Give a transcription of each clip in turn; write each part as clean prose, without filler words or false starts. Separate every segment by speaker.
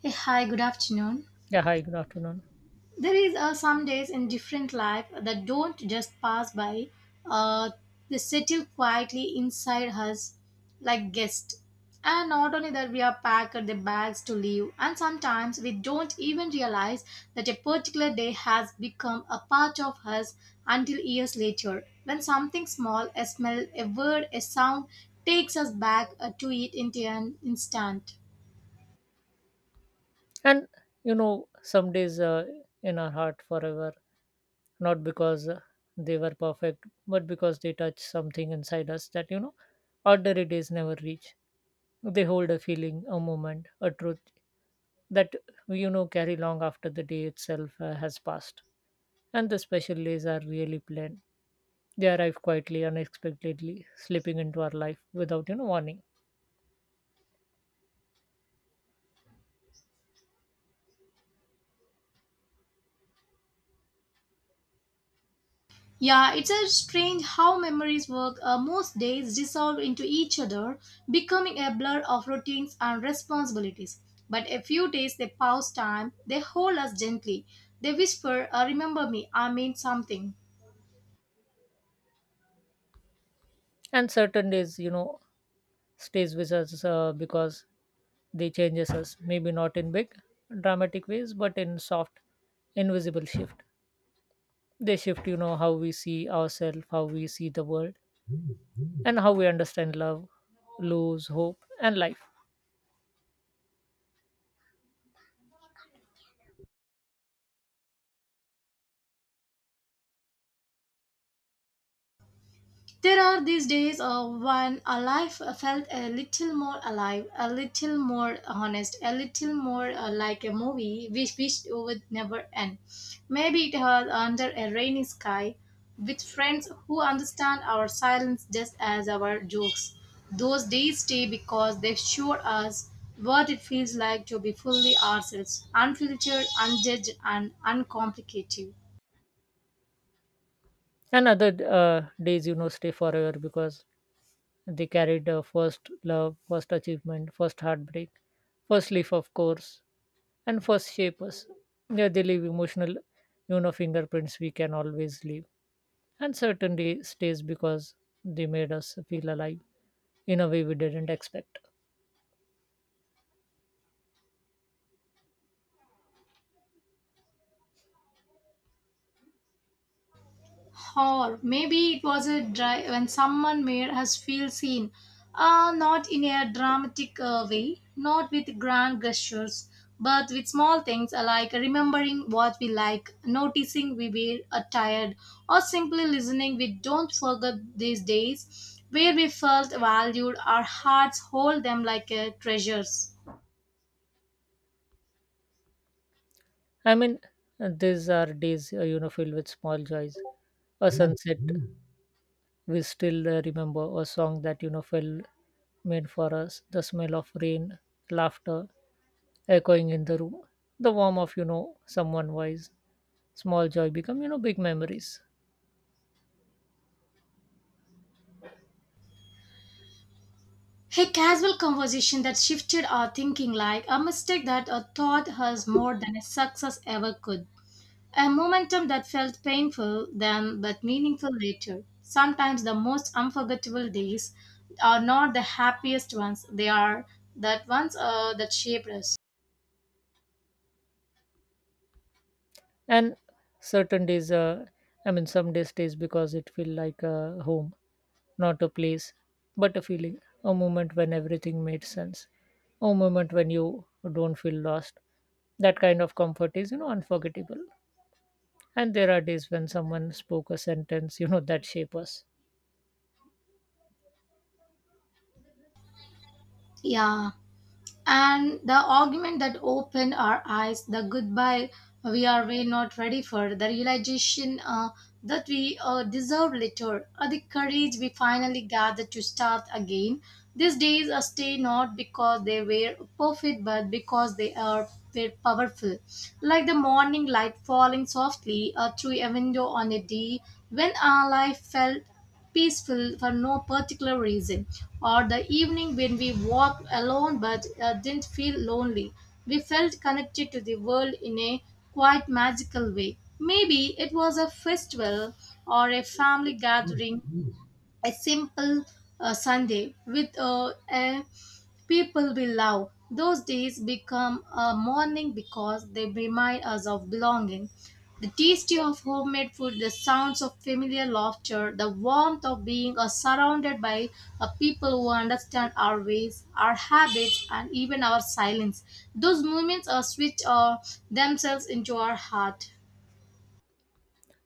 Speaker 1: Hey, hi, good afternoon.
Speaker 2: Yeah, hi, good afternoon.
Speaker 1: There is some days in different life that don't just pass by. Uh, they settle quietly inside us like guests. And not only that, we are packed the bags to leave. And sometimes we don't even realize that a particular day has become a part of us until years later. When something small, a smell, a word, a sound takes us back to it in an instant.
Speaker 2: And some days in our heart forever, not because they were perfect, but because they touch something inside us that, ordinary days never reach. They hold a feeling, a moment, a truth that we, carry long after the day itself has passed. And the special days are really planned. They arrive quietly, unexpectedly, slipping into our life without, warning.
Speaker 1: Yeah, it's a strange how memories work. Most days dissolve into each other, becoming a blur of routines and responsibilities. But a few days they pause time, they hold us gently. They whisper, remember me, I mean something.
Speaker 2: And certain days, stays with us because they changes us, maybe not in big, dramatic ways, but in soft, invisible shift. They shift, how we see ourselves, how we see the world, and how we understand love, lose hope, and life.
Speaker 1: There are these days when a life felt a little more alive, a little more honest, a little more like a movie which wished would never end. Maybe it was under a rainy sky with friends who understand our silence just as our jokes. Those days stay because they show us what it feels like to be fully ourselves, unfiltered, unjudged, and uncomplicated.
Speaker 2: And other days, stay forever because they carried first love, first achievement, first heartbreak, first leaf, of course, and first shapers. Yeah, they leave emotional, fingerprints we can always leave. And certainty stays because they made us feel alive in a way we didn't expect.
Speaker 1: Or maybe it was a drive when someone made us feel seen, not in a dramatic way, not with grand gestures, but with small things like remembering what we like, noticing we were tired, or simply listening. We don't forget these days where we felt valued, our hearts hold them like treasures.
Speaker 2: I mean, these are days, filled with small joys. A sunset we still remember, a song that, fell made for us, the smell of rain, laughter echoing in the room, the warmth of, someone wise. Small joy become, big memories.
Speaker 1: A casual conversation that shifted our thinking like a mistake that a thought has more than a success ever could. A momentum that felt painful then but meaningful later. Sometimes the most unforgettable days are not the happiest ones, they are that ones that shaped us.
Speaker 2: And certain days , I mean, some days stays because it feel like a home, not a place but a feeling, a moment when everything made sense, a moment when you don't feel lost. That kind of comfort is, unforgettable. And there are days when someone spoke a sentence, that shape us.
Speaker 1: Yeah. And the argument that opened our eyes, the goodbye we are way not ready for, the realization that we deserve little, or the courage we finally gathered to start again. These days are stay not because they were perfect, but because they are were powerful. Like the morning light falling softly through a window on a day when our life felt peaceful for no particular reason, or the evening when we walked alone but didn't feel lonely. We felt connected to the world in a quite magical way. Maybe it was a festival or a family gathering, a simple Sunday with a people we love. Those days become a mourning because they remind us of belonging. The taste of homemade food, the sounds of familiar laughter, the warmth of being surrounded by people who understand our ways, our habits, and even our silence. Those moments switch themselves into our heart.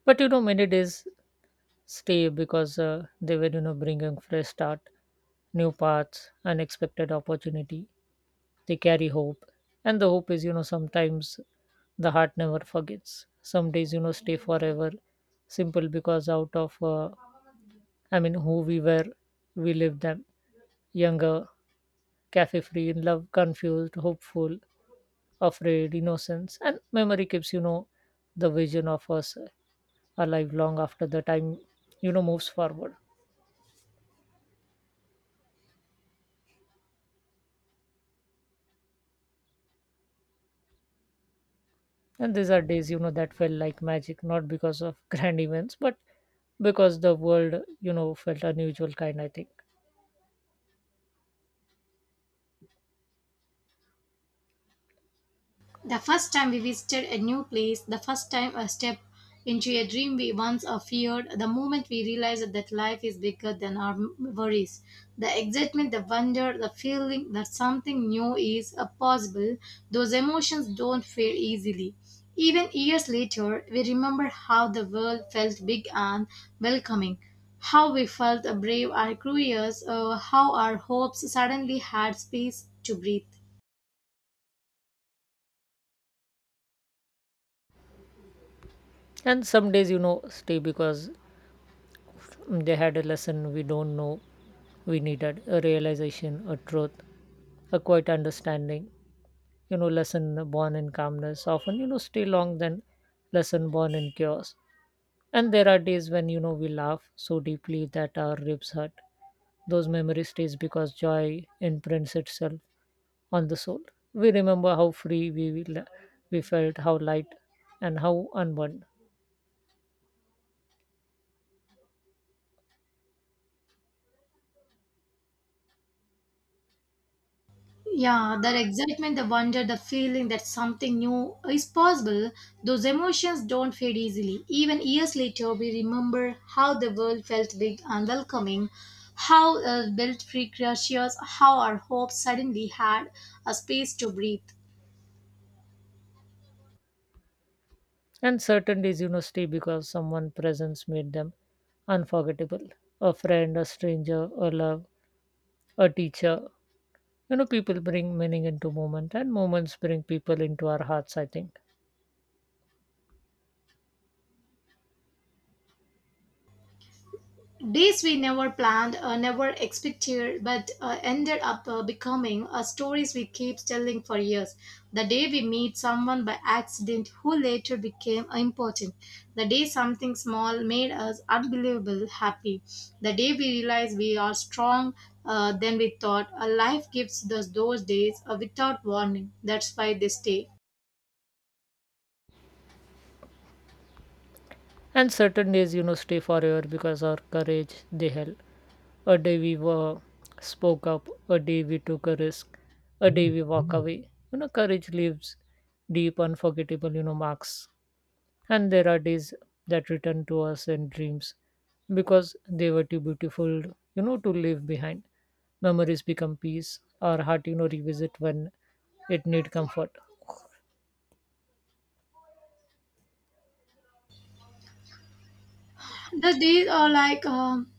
Speaker 2: But many days stay because they were, bringing fresh start, new paths, unexpected opportunity. They carry hope, and the hope is, sometimes the heart never forgets. Some days, stay forever simple because out of , I mean, who we were, we lived them younger, cafe free, in love, confused, hopeful, afraid. Innocence and memory keeps, the vision of us alive long after the time, moves forward. And these are days, that felt like magic, not because of grand events, but because the world, felt unusual kind, I think.
Speaker 1: The first time we visited a new place, the first time a step into a dream we once feared, the moment we realized that life is bigger than our worries. The excitement, the wonder, the feeling that something new is possible, those emotions don't fade easily. Even years later, we remember how the world felt big and welcoming, how we felt brave and curious, how our hopes suddenly had space to breathe.
Speaker 2: And some days, stay because they had a lesson we don't know we needed, a realization, a truth, a quiet understanding. You know, lesson born in calmness often, stay long than lesson born in chaos. And there are days when, you know, we laugh so deeply that our ribs hurt. Those memories stays because joy imprints itself on the soul. We remember how free we felt, how light, and how unbound.
Speaker 1: Yeah, that excitement, the wonder, the feeling that something new is possible, those emotions don't fade easily. Even years later, we remember how the world felt big and welcoming, how built free creatures, how our hopes suddenly had a space to breathe.
Speaker 2: And certain days, stay because someone' presence made them unforgettable. A friend, a stranger, a love, a teacher. You know, people bring meaning into moment, and moments bring people into our hearts, I think.
Speaker 1: Days we never planned or never expected, but ended up becoming stories we keep telling for years. The day we meet someone by accident who later became important. The day something small made us unbelievable happy. The day we realize we are strong than we thought. A life gives us those days without warning. That's why they stay.
Speaker 2: And certain days, stay forever because our courage they held. A day we were spoke up, a day we took a risk, a day we walk away. You know, courage leaves deep, unforgettable, marks. And there are days that return to us in dreams because they were too beautiful, to leave behind. Memories become peace, our heart, revisit when it need comfort.
Speaker 1: The day,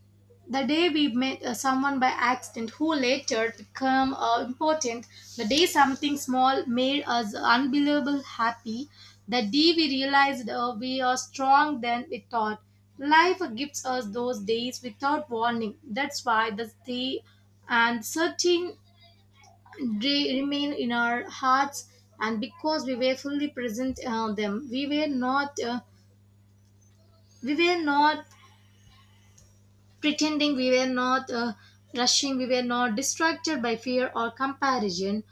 Speaker 1: the day we met someone by accident who later become important. The day something small made us unbelievable happy. The day we realized we are strong than we thought. Life gives us those days without warning. That's why the day and certain day remain in our hearts. And because we were fully present on them, we were not. We were not pretending we were not rushing, we were not distracted by fear or comparison,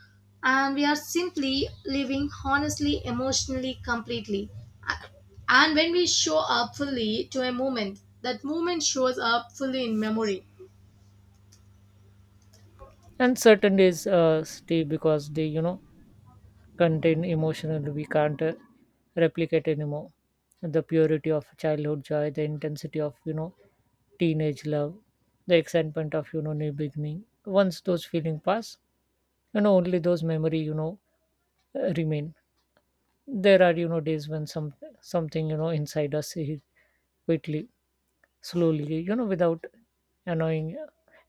Speaker 1: and we are simply living honestly, emotionally, completely. And when we show up fully to a moment, that moment shows up fully in memory.
Speaker 2: And certain days stay because they, contain emotional we can't replicate anymore: the purity of childhood joy, the intensity of, teenage love, the excitement of, new beginning. Once those feeling pass, only those memory, remain. There are, days when some something, inside us heal quickly, slowly, without annoying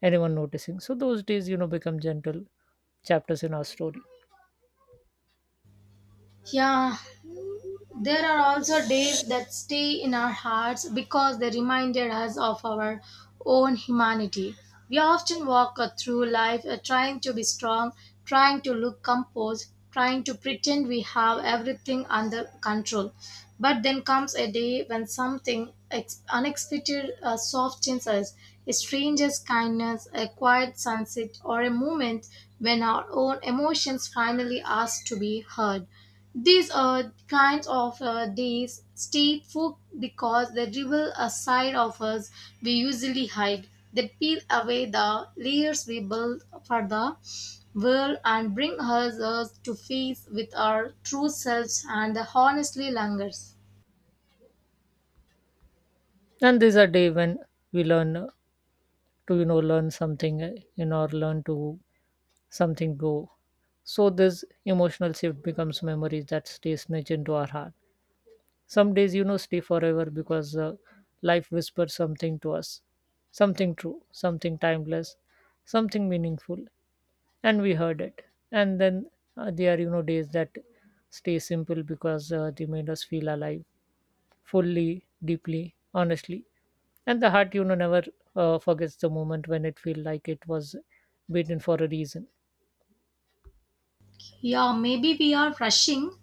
Speaker 2: anyone noticing, so those days, become gentle chapters in our story.
Speaker 1: Yeah, there are also days that stay in our hearts because they reminded us of our own humanity. We often walk through life trying to be strong, trying to look composed, trying to pretend we have everything under control. But then comes a day when something unexpected softens us a stranger's kindness, a quiet sunset, or a moment when our own emotions finally ask to be heard. These kinds of days stay food because they reveal a side of us we usually hide. They peel away the layers we build for the world and bring us to face with our true selves and the honestly longers.
Speaker 2: And these are day when we learn to, learn something, or learn to something go, so this emotional shift becomes memories that stay snitch into our heart. Some days, stay forever because life whispers something to us, something true, something timeless, something meaningful, and we heard it. And then there are, days that stay simple because they made us feel alive fully, deeply, honestly. And the heart, never forgets the moment when it feel like it was beaten for a reason.
Speaker 1: Yeah, maybe we are rushing,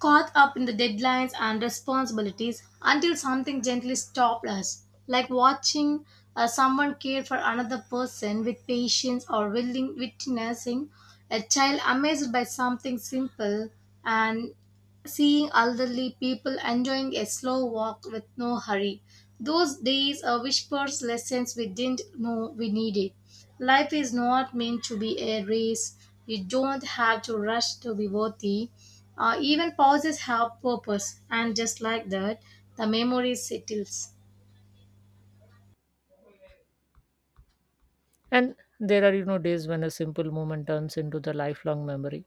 Speaker 1: caught up in the deadlines and responsibilities until something gently stopped us, like watching someone care for another person with patience or willing witnessing a child amazed by something simple and seeing elderly people enjoying a slow walk with no hurry. Those days are whispers lessons we didn't know we needed. Life is not meant to be a race. You don't have to rush to be worthy. Even pauses have purpose, and just like that, the memory settles.
Speaker 2: And there are, days when a simple moment turns into the lifelong memory.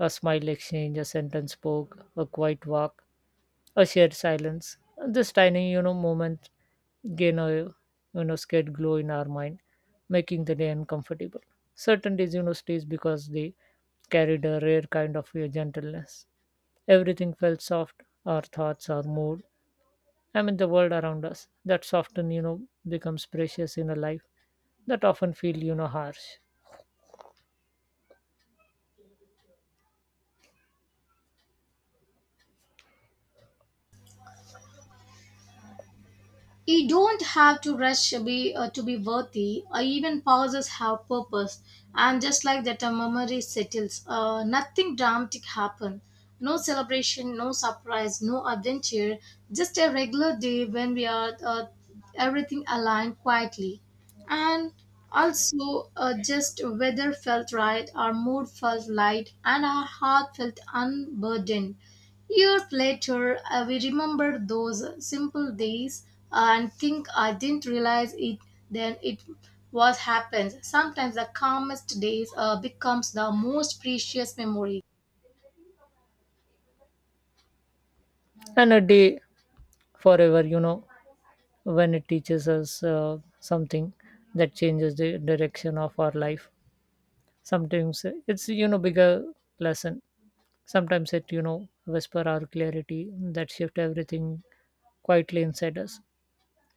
Speaker 2: A smile exchange, a sentence spoke, a quiet walk, a shared silence. This tiny, moment gain a, scared glow in our mind, making the day uncomfortable. Certain days, stays because they carried a rare kind of gentleness. Everything felt soft: our thoughts, our mood, I mean the world around us. That often, becomes precious in a life that often feel, harsh.
Speaker 1: You don't have to rush to be worthy. Even pauses have purpose, and just like that, a memory settles. Nothing dramatic happened. No celebration, no surprise, no adventure. Just a regular day when we are everything aligned quietly, and also just weather felt right, our mood felt light, and our heart felt unburdened. Years later, I we remember those simple days and think I didn't realize it then it was happens. Sometimes the calmest days becomes the most precious memory.
Speaker 2: And a day forever, when it teaches us something that changes the direction of our life. Sometimes it's, bigger lesson, sometimes it, whisper our clarity that shift everything quietly inside us.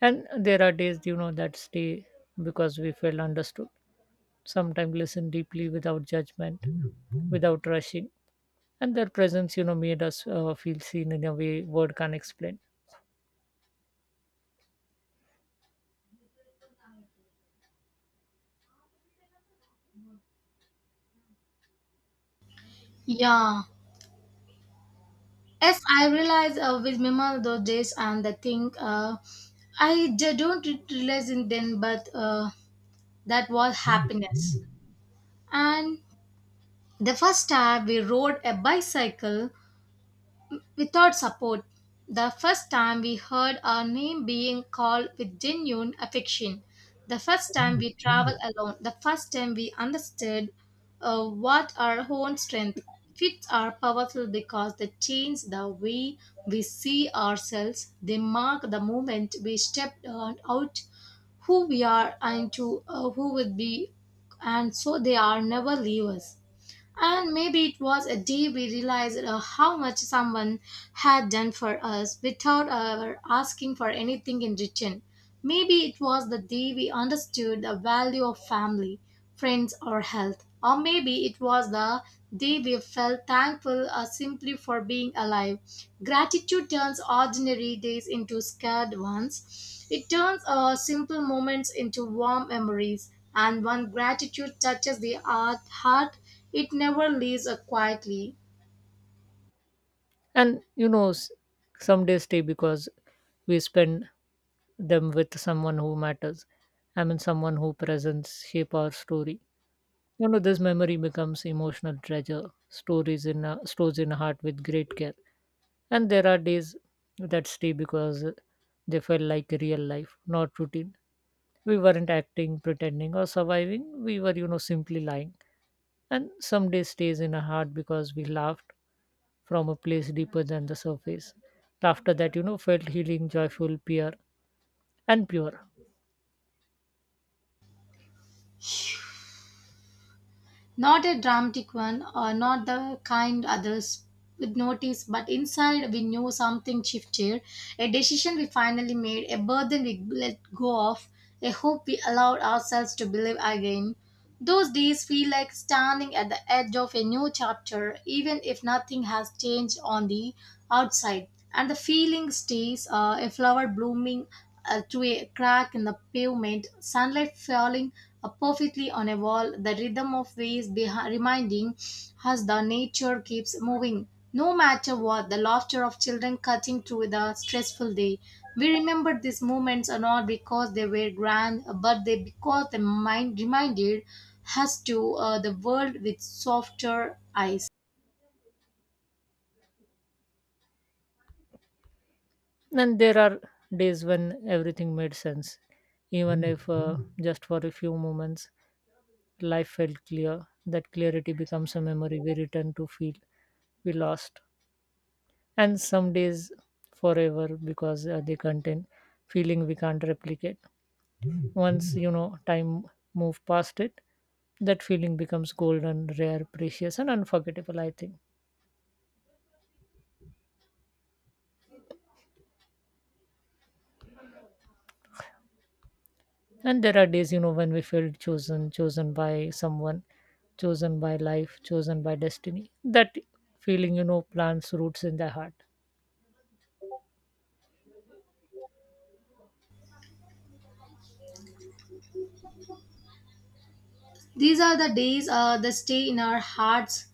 Speaker 2: And there are days, that stay because we felt understood, sometimes listen deeply without judgment, Mhm, without rushing, and their presence, made us feel seen in a way word can not explain.
Speaker 1: Yeah. Yes, I realize with remember those days and the thing I don't realize in then, but that was happiness. And the first time we rode a bicycle without support. The first time we heard our name being called with genuine affection. The first time we traveled alone. The first time we understood what our own strength. Fits are powerful because they change the way we see ourselves. They mark the moment we stepped on out who we are and to who would be, and so they are never leave us. And maybe it was a day we realized how much someone had done for us without our asking for anything in return. Maybe it was the day we understood the value of family, friends, or health. Or maybe it was the day we felt thankful simply for being alive. Gratitude turns ordinary days into scared ones. It turns simple moments into warm memories. And when gratitude touches the heart, it never leaves a quietly,
Speaker 2: And, some days stay because we spend them with someone who matters, I mean someone who presence shape our story. You know, this memory becomes emotional treasure, stories in a, stores in a heart with great care. And there are days that stay because they felt like real life, not routine. We weren't acting, pretending, or surviving. We were, simply lying. And some day stays in our heart because we laughed from a place deeper than the surface. Laughter that, felt healing, joyful, pure, and pure.
Speaker 1: not a dramatic one, or not the kind others would notice, but inside we knew something shifted, a decision we finally made, a burden we let go of, a hope we allowed ourselves to believe again. Those days feel like standing at the edge of a new chapter, even if nothing has changed on the outside. And the feeling stays a flower blooming through a crack in the pavement, sunlight falling perfectly on a wall, the rhythm of waves reminding us the nature keeps moving. No matter what, the laughter of children cutting through the stressful day. We remember these moments are not because they were grand, but they because the mind reminded us to the world with softer eyes.
Speaker 2: And there are days when everything made sense. Even if just for a few moments, life felt clear. That clarity becomes a memory we return to feel we lost. And some days forever because they contain feeling we can't replicate. Once, time move past it, that feeling becomes golden, rare, precious, and unforgettable, I think. And there are days, when we feel chosen, chosen by someone, chosen by life, chosen by destiny. That feeling, plants roots in the heart.
Speaker 1: These are the days that stay in our hearts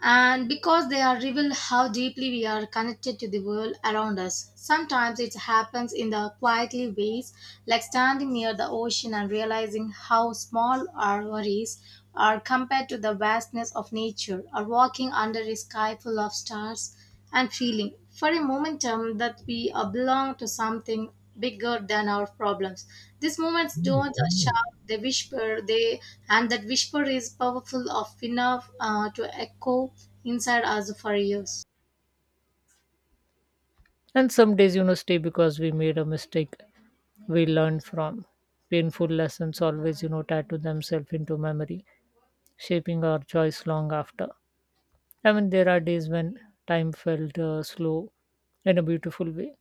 Speaker 1: and because they are revealed, how deeply we are connected to the world around us sometimes it happens in the quietly ways like standing near the ocean and realizing how small our worries are compared to the vastness of nature or walking under a sky full of stars and feeling for a momentum that we belong to something bigger than our problems. These moments don't shout, they whisper, they and that whisper is powerful of enough to echo inside us for years.
Speaker 2: And some days, stay because we made a mistake we learned from. Painful lessons always, tattoo themselves into memory, shaping our choice long after. I mean, there are days when time felt slow in a beautiful way.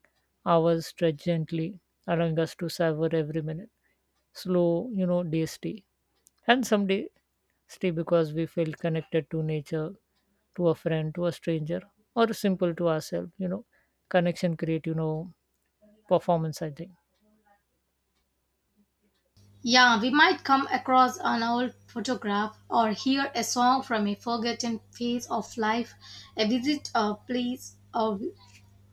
Speaker 2: Hours stretched gently, allowing us to savor every minute. Slow, days stay. And someday stay because we feel connected to nature, to a friend, to a stranger, or simple to ourselves, Connection create, performance, I think.
Speaker 1: Yeah, we might come across an old photograph or hear a song from a forgotten phase of life, a visit a place, or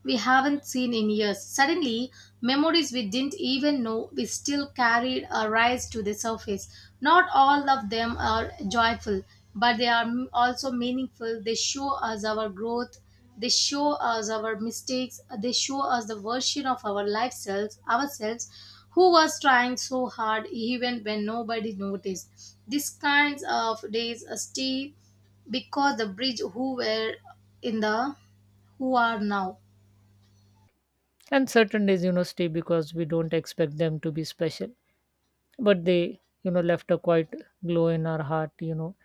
Speaker 1: we haven't seen in years. Suddenly, memories we didn't even know we still carried arise to the surface. Not all of them are joyful, but they are also meaningful. They show us our growth, they show us our mistakes, they show us the version of our life selves, ourselves who was trying so hard even when nobody noticed. These kinds of days stay because the bridge who were in the who are now.
Speaker 2: And certain days, stay because we don't expect them to be special. But they, left a quite glow in our heart,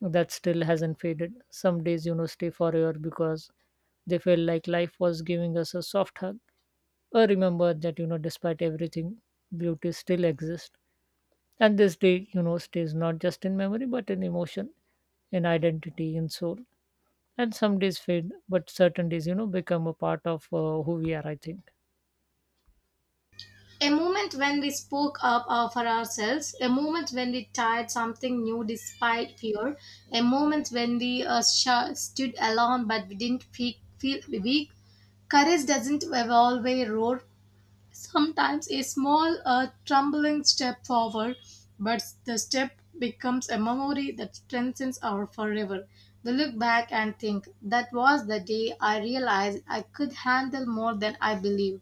Speaker 2: that still hasn't faded. Some days, stay forever because they felt like life was giving us a soft hug, or remember that, despite everything, beauty still exists. And this day, stays not just in memory but in emotion, in identity, in soul. And some days fade, but certain days, become a part of who we are, I think.
Speaker 1: A moment when we spoke up for ourselves, a moment when we tried something new despite fear, a moment when we stood alone but we didn't feel weak. Courage doesn't evolve a road. Sometimes a small, trembling step forward, but the step becomes a memory that strengthens our forever. We look back and think, that was the day I realized I could handle more than I believed.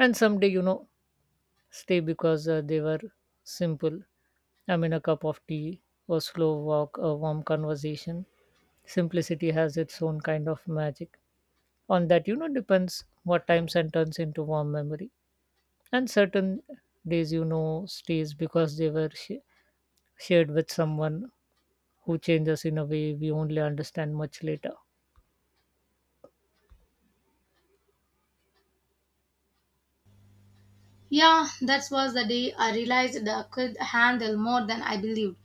Speaker 2: And someday, stay because they were simple. I mean, a cup of tea, a slow walk, a warm conversation. Simplicity has its own kind of magic. On that, depends what times and turns into warm memory. And certain days, stays because they were shared with someone who changes in a way we only understand much later.
Speaker 1: Yeah, that was the day I realized I could handle more than I believed.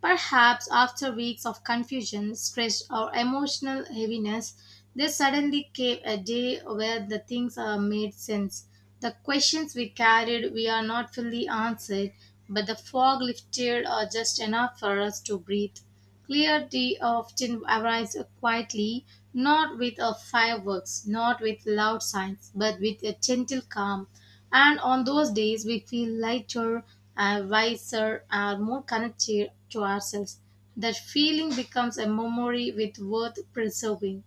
Speaker 1: Perhaps after weeks of confusion, stress, or emotional heaviness, there suddenly came a day where the things made sense. The questions we carried we are not fully answered, but the fog lifted just enough for us to breathe. Clarity often arrives quietly, not with a fireworks, not with loud signs, but with a gentle calm, and on those days, we feel lighter, and wiser, and more connected to ourselves. That feeling becomes a memory with worth preserving,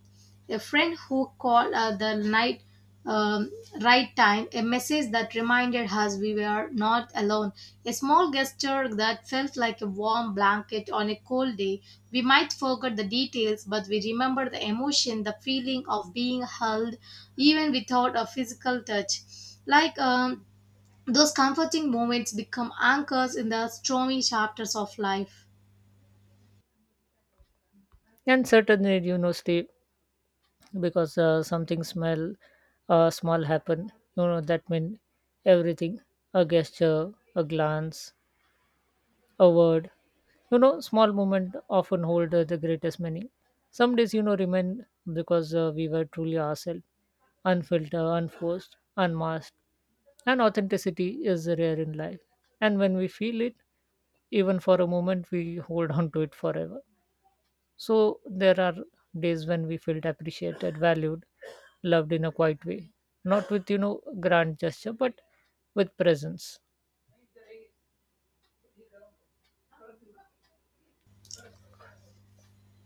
Speaker 1: a friend who called at the night um, right time, a message that reminded us we were not alone, a small gesture that felt like a warm blanket on a cold day. We might forget the details, but we remember the emotion, the feeling of being held, even without a physical touch. Like um, those comforting moments become anchors in the stormy chapters of life.
Speaker 2: And certain days, stay because something smell, small happen, that mean everything. A gesture, a glance, a word. You know, small moment often hold the greatest meaning. Some days, remain because we were truly ourselves, unfiltered, unforced, unmasked. And authenticity is rare in life. And when we feel it, even for a moment, we hold on to it forever. So there are days when we felt appreciated, valued, loved in a quiet way, not with, grand gesture, but with presence.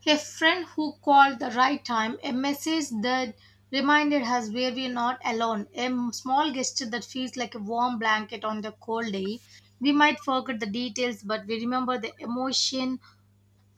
Speaker 1: A friend who called the right time, a message that reminded us where we're not alone, a small gesture that feels like a warm blanket on the cold day. We might forget the details, but we remember the emotion,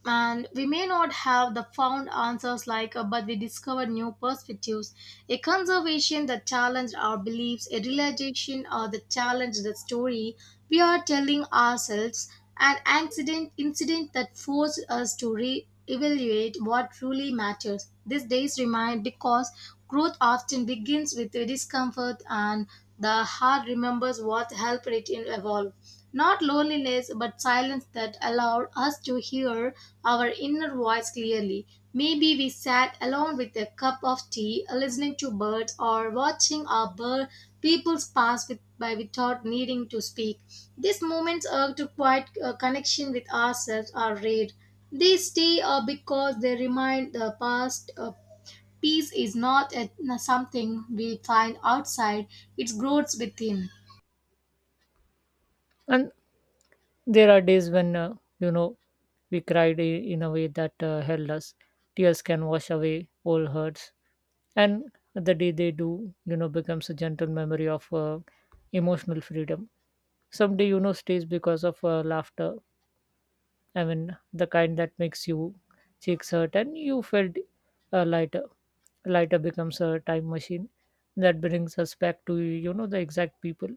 Speaker 1: and we may not have the found answers but we discover new perspectives, a conservation that challenged our beliefs, a realization or that challenged the story we are telling ourselves, an accident incident that forced us to re-evaluate what truly matters, these days remind because growth often begins with the discomfort, and the heart remembers what helped it in evolve. Not loneliness, but silence that allowed us to hear our inner voice clearly. Maybe we sat alone with a cup of tea, listening to birds, or watching our bird people's pass with, by without needing to speak. These moments are to quiet connection with ourselves are rare. They stay because they remind the past peace is not a, something we find outside, it grows within.
Speaker 2: And there are days when, we cried in a way that held us. Tears can wash away all hurts. And the day they do, becomes a gentle memory of emotional freedom. Someday, stays because of laughter. I mean, the kind that makes you cheeks hurt and you felt lighter. Lighter becomes a time machine that brings us back to, the exact people,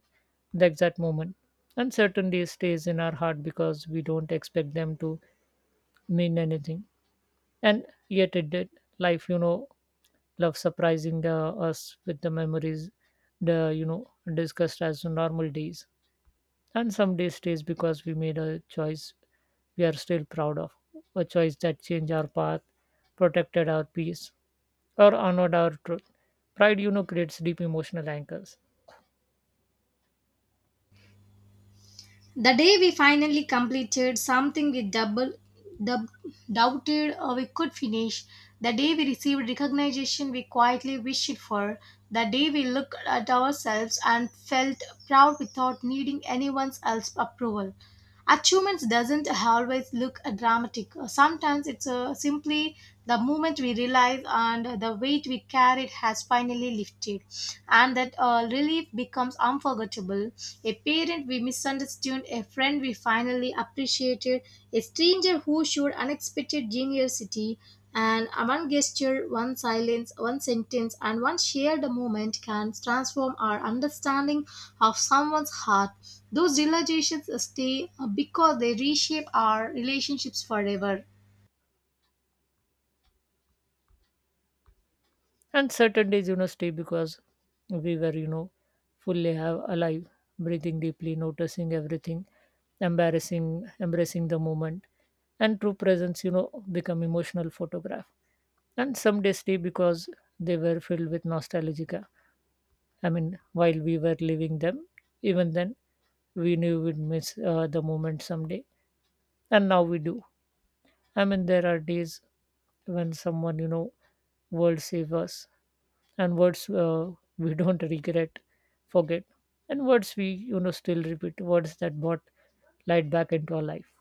Speaker 2: the exact moment. And certainty stays in our heart because we don't expect them to mean anything. And yet it did. Life, love surprising the, us with the memories, the, discussed as normal days. And some day stays because we made a choice we are still proud of, a choice that changed our path, protected our peace, or honored our truth. Pride, creates deep emotional anchors.
Speaker 1: The day we finally completed something we dub, doubted we could finish, the day we received recognition we quietly wished for, the day we looked at ourselves and felt proud without needing anyone else's approval. Achievements doesn't always look dramatic. Sometimes it's simply the moment we realize and the weight we carried has finally lifted, and that relief becomes unforgettable, a parent we misunderstood, a friend we finally appreciated, a stranger who showed unexpected generosity, and one gesture, one silence, one sentence, and one shared moment can transform our understanding of someone's heart. Those realizations stay because they reshape our relationships forever.
Speaker 2: And certain days, stay because we were, fully have alive, breathing deeply, noticing everything, embarrassing, embracing the moment. And true presence, become emotional photograph. And some days stay because they were filled with nostalgia. I mean, while we were leaving them, even then we knew we'd miss the moment someday, and now we do. I mean, there are days when someone, words save us, and words we don't regret, forget, and words we, still repeat. Words that brought light back into our life.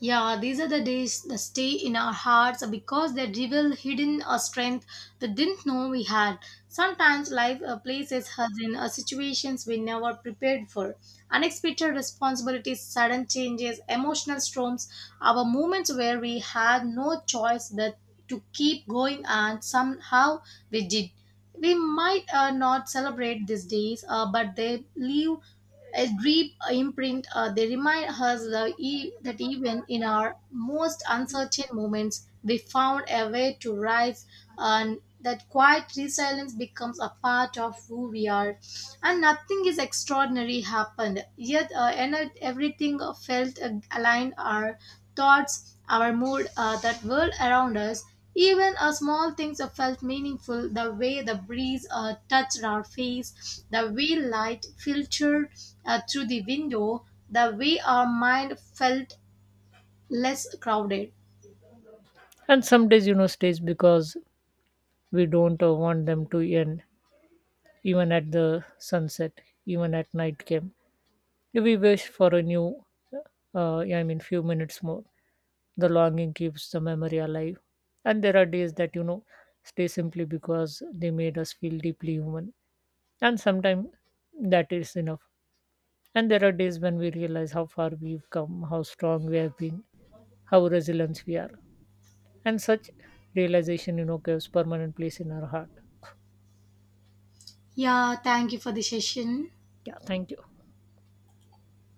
Speaker 1: Yeah, these are the days that stay in our hearts because they reveal hidden a strength we didn't know we had. Sometimes life places us in situations we never prepared for. Unexpected responsibilities, sudden changes, emotional storms, our moments where we had no choice but to keep going, and somehow we did. We might not celebrate these days, but they leave a deep imprint. They remind us that even in our most uncertain moments, we found a way to rise, and that quiet resilience becomes a part of who we are. And nothing is extraordinary happened, yet everything felt aligned our thoughts, our mood, that world around us. Even small things felt meaningful, the way the breeze touched our face, the way light filtered through the window, the way our mind felt less crowded.
Speaker 2: And some days, stays because we don't want them to end, even at the sunset, even at night came. We wish for a new, yeah, I mean, few minutes more. The longing keeps the memory alive. And there are days that, stay simply because they made us feel deeply human. And sometimes that is enough. And there are days when we realize how far we've come, how strong we have been, how resilient we are. And such realization, gives permanent place in our heart.
Speaker 1: Yeah, thank you for the session.
Speaker 2: Yeah, thank you.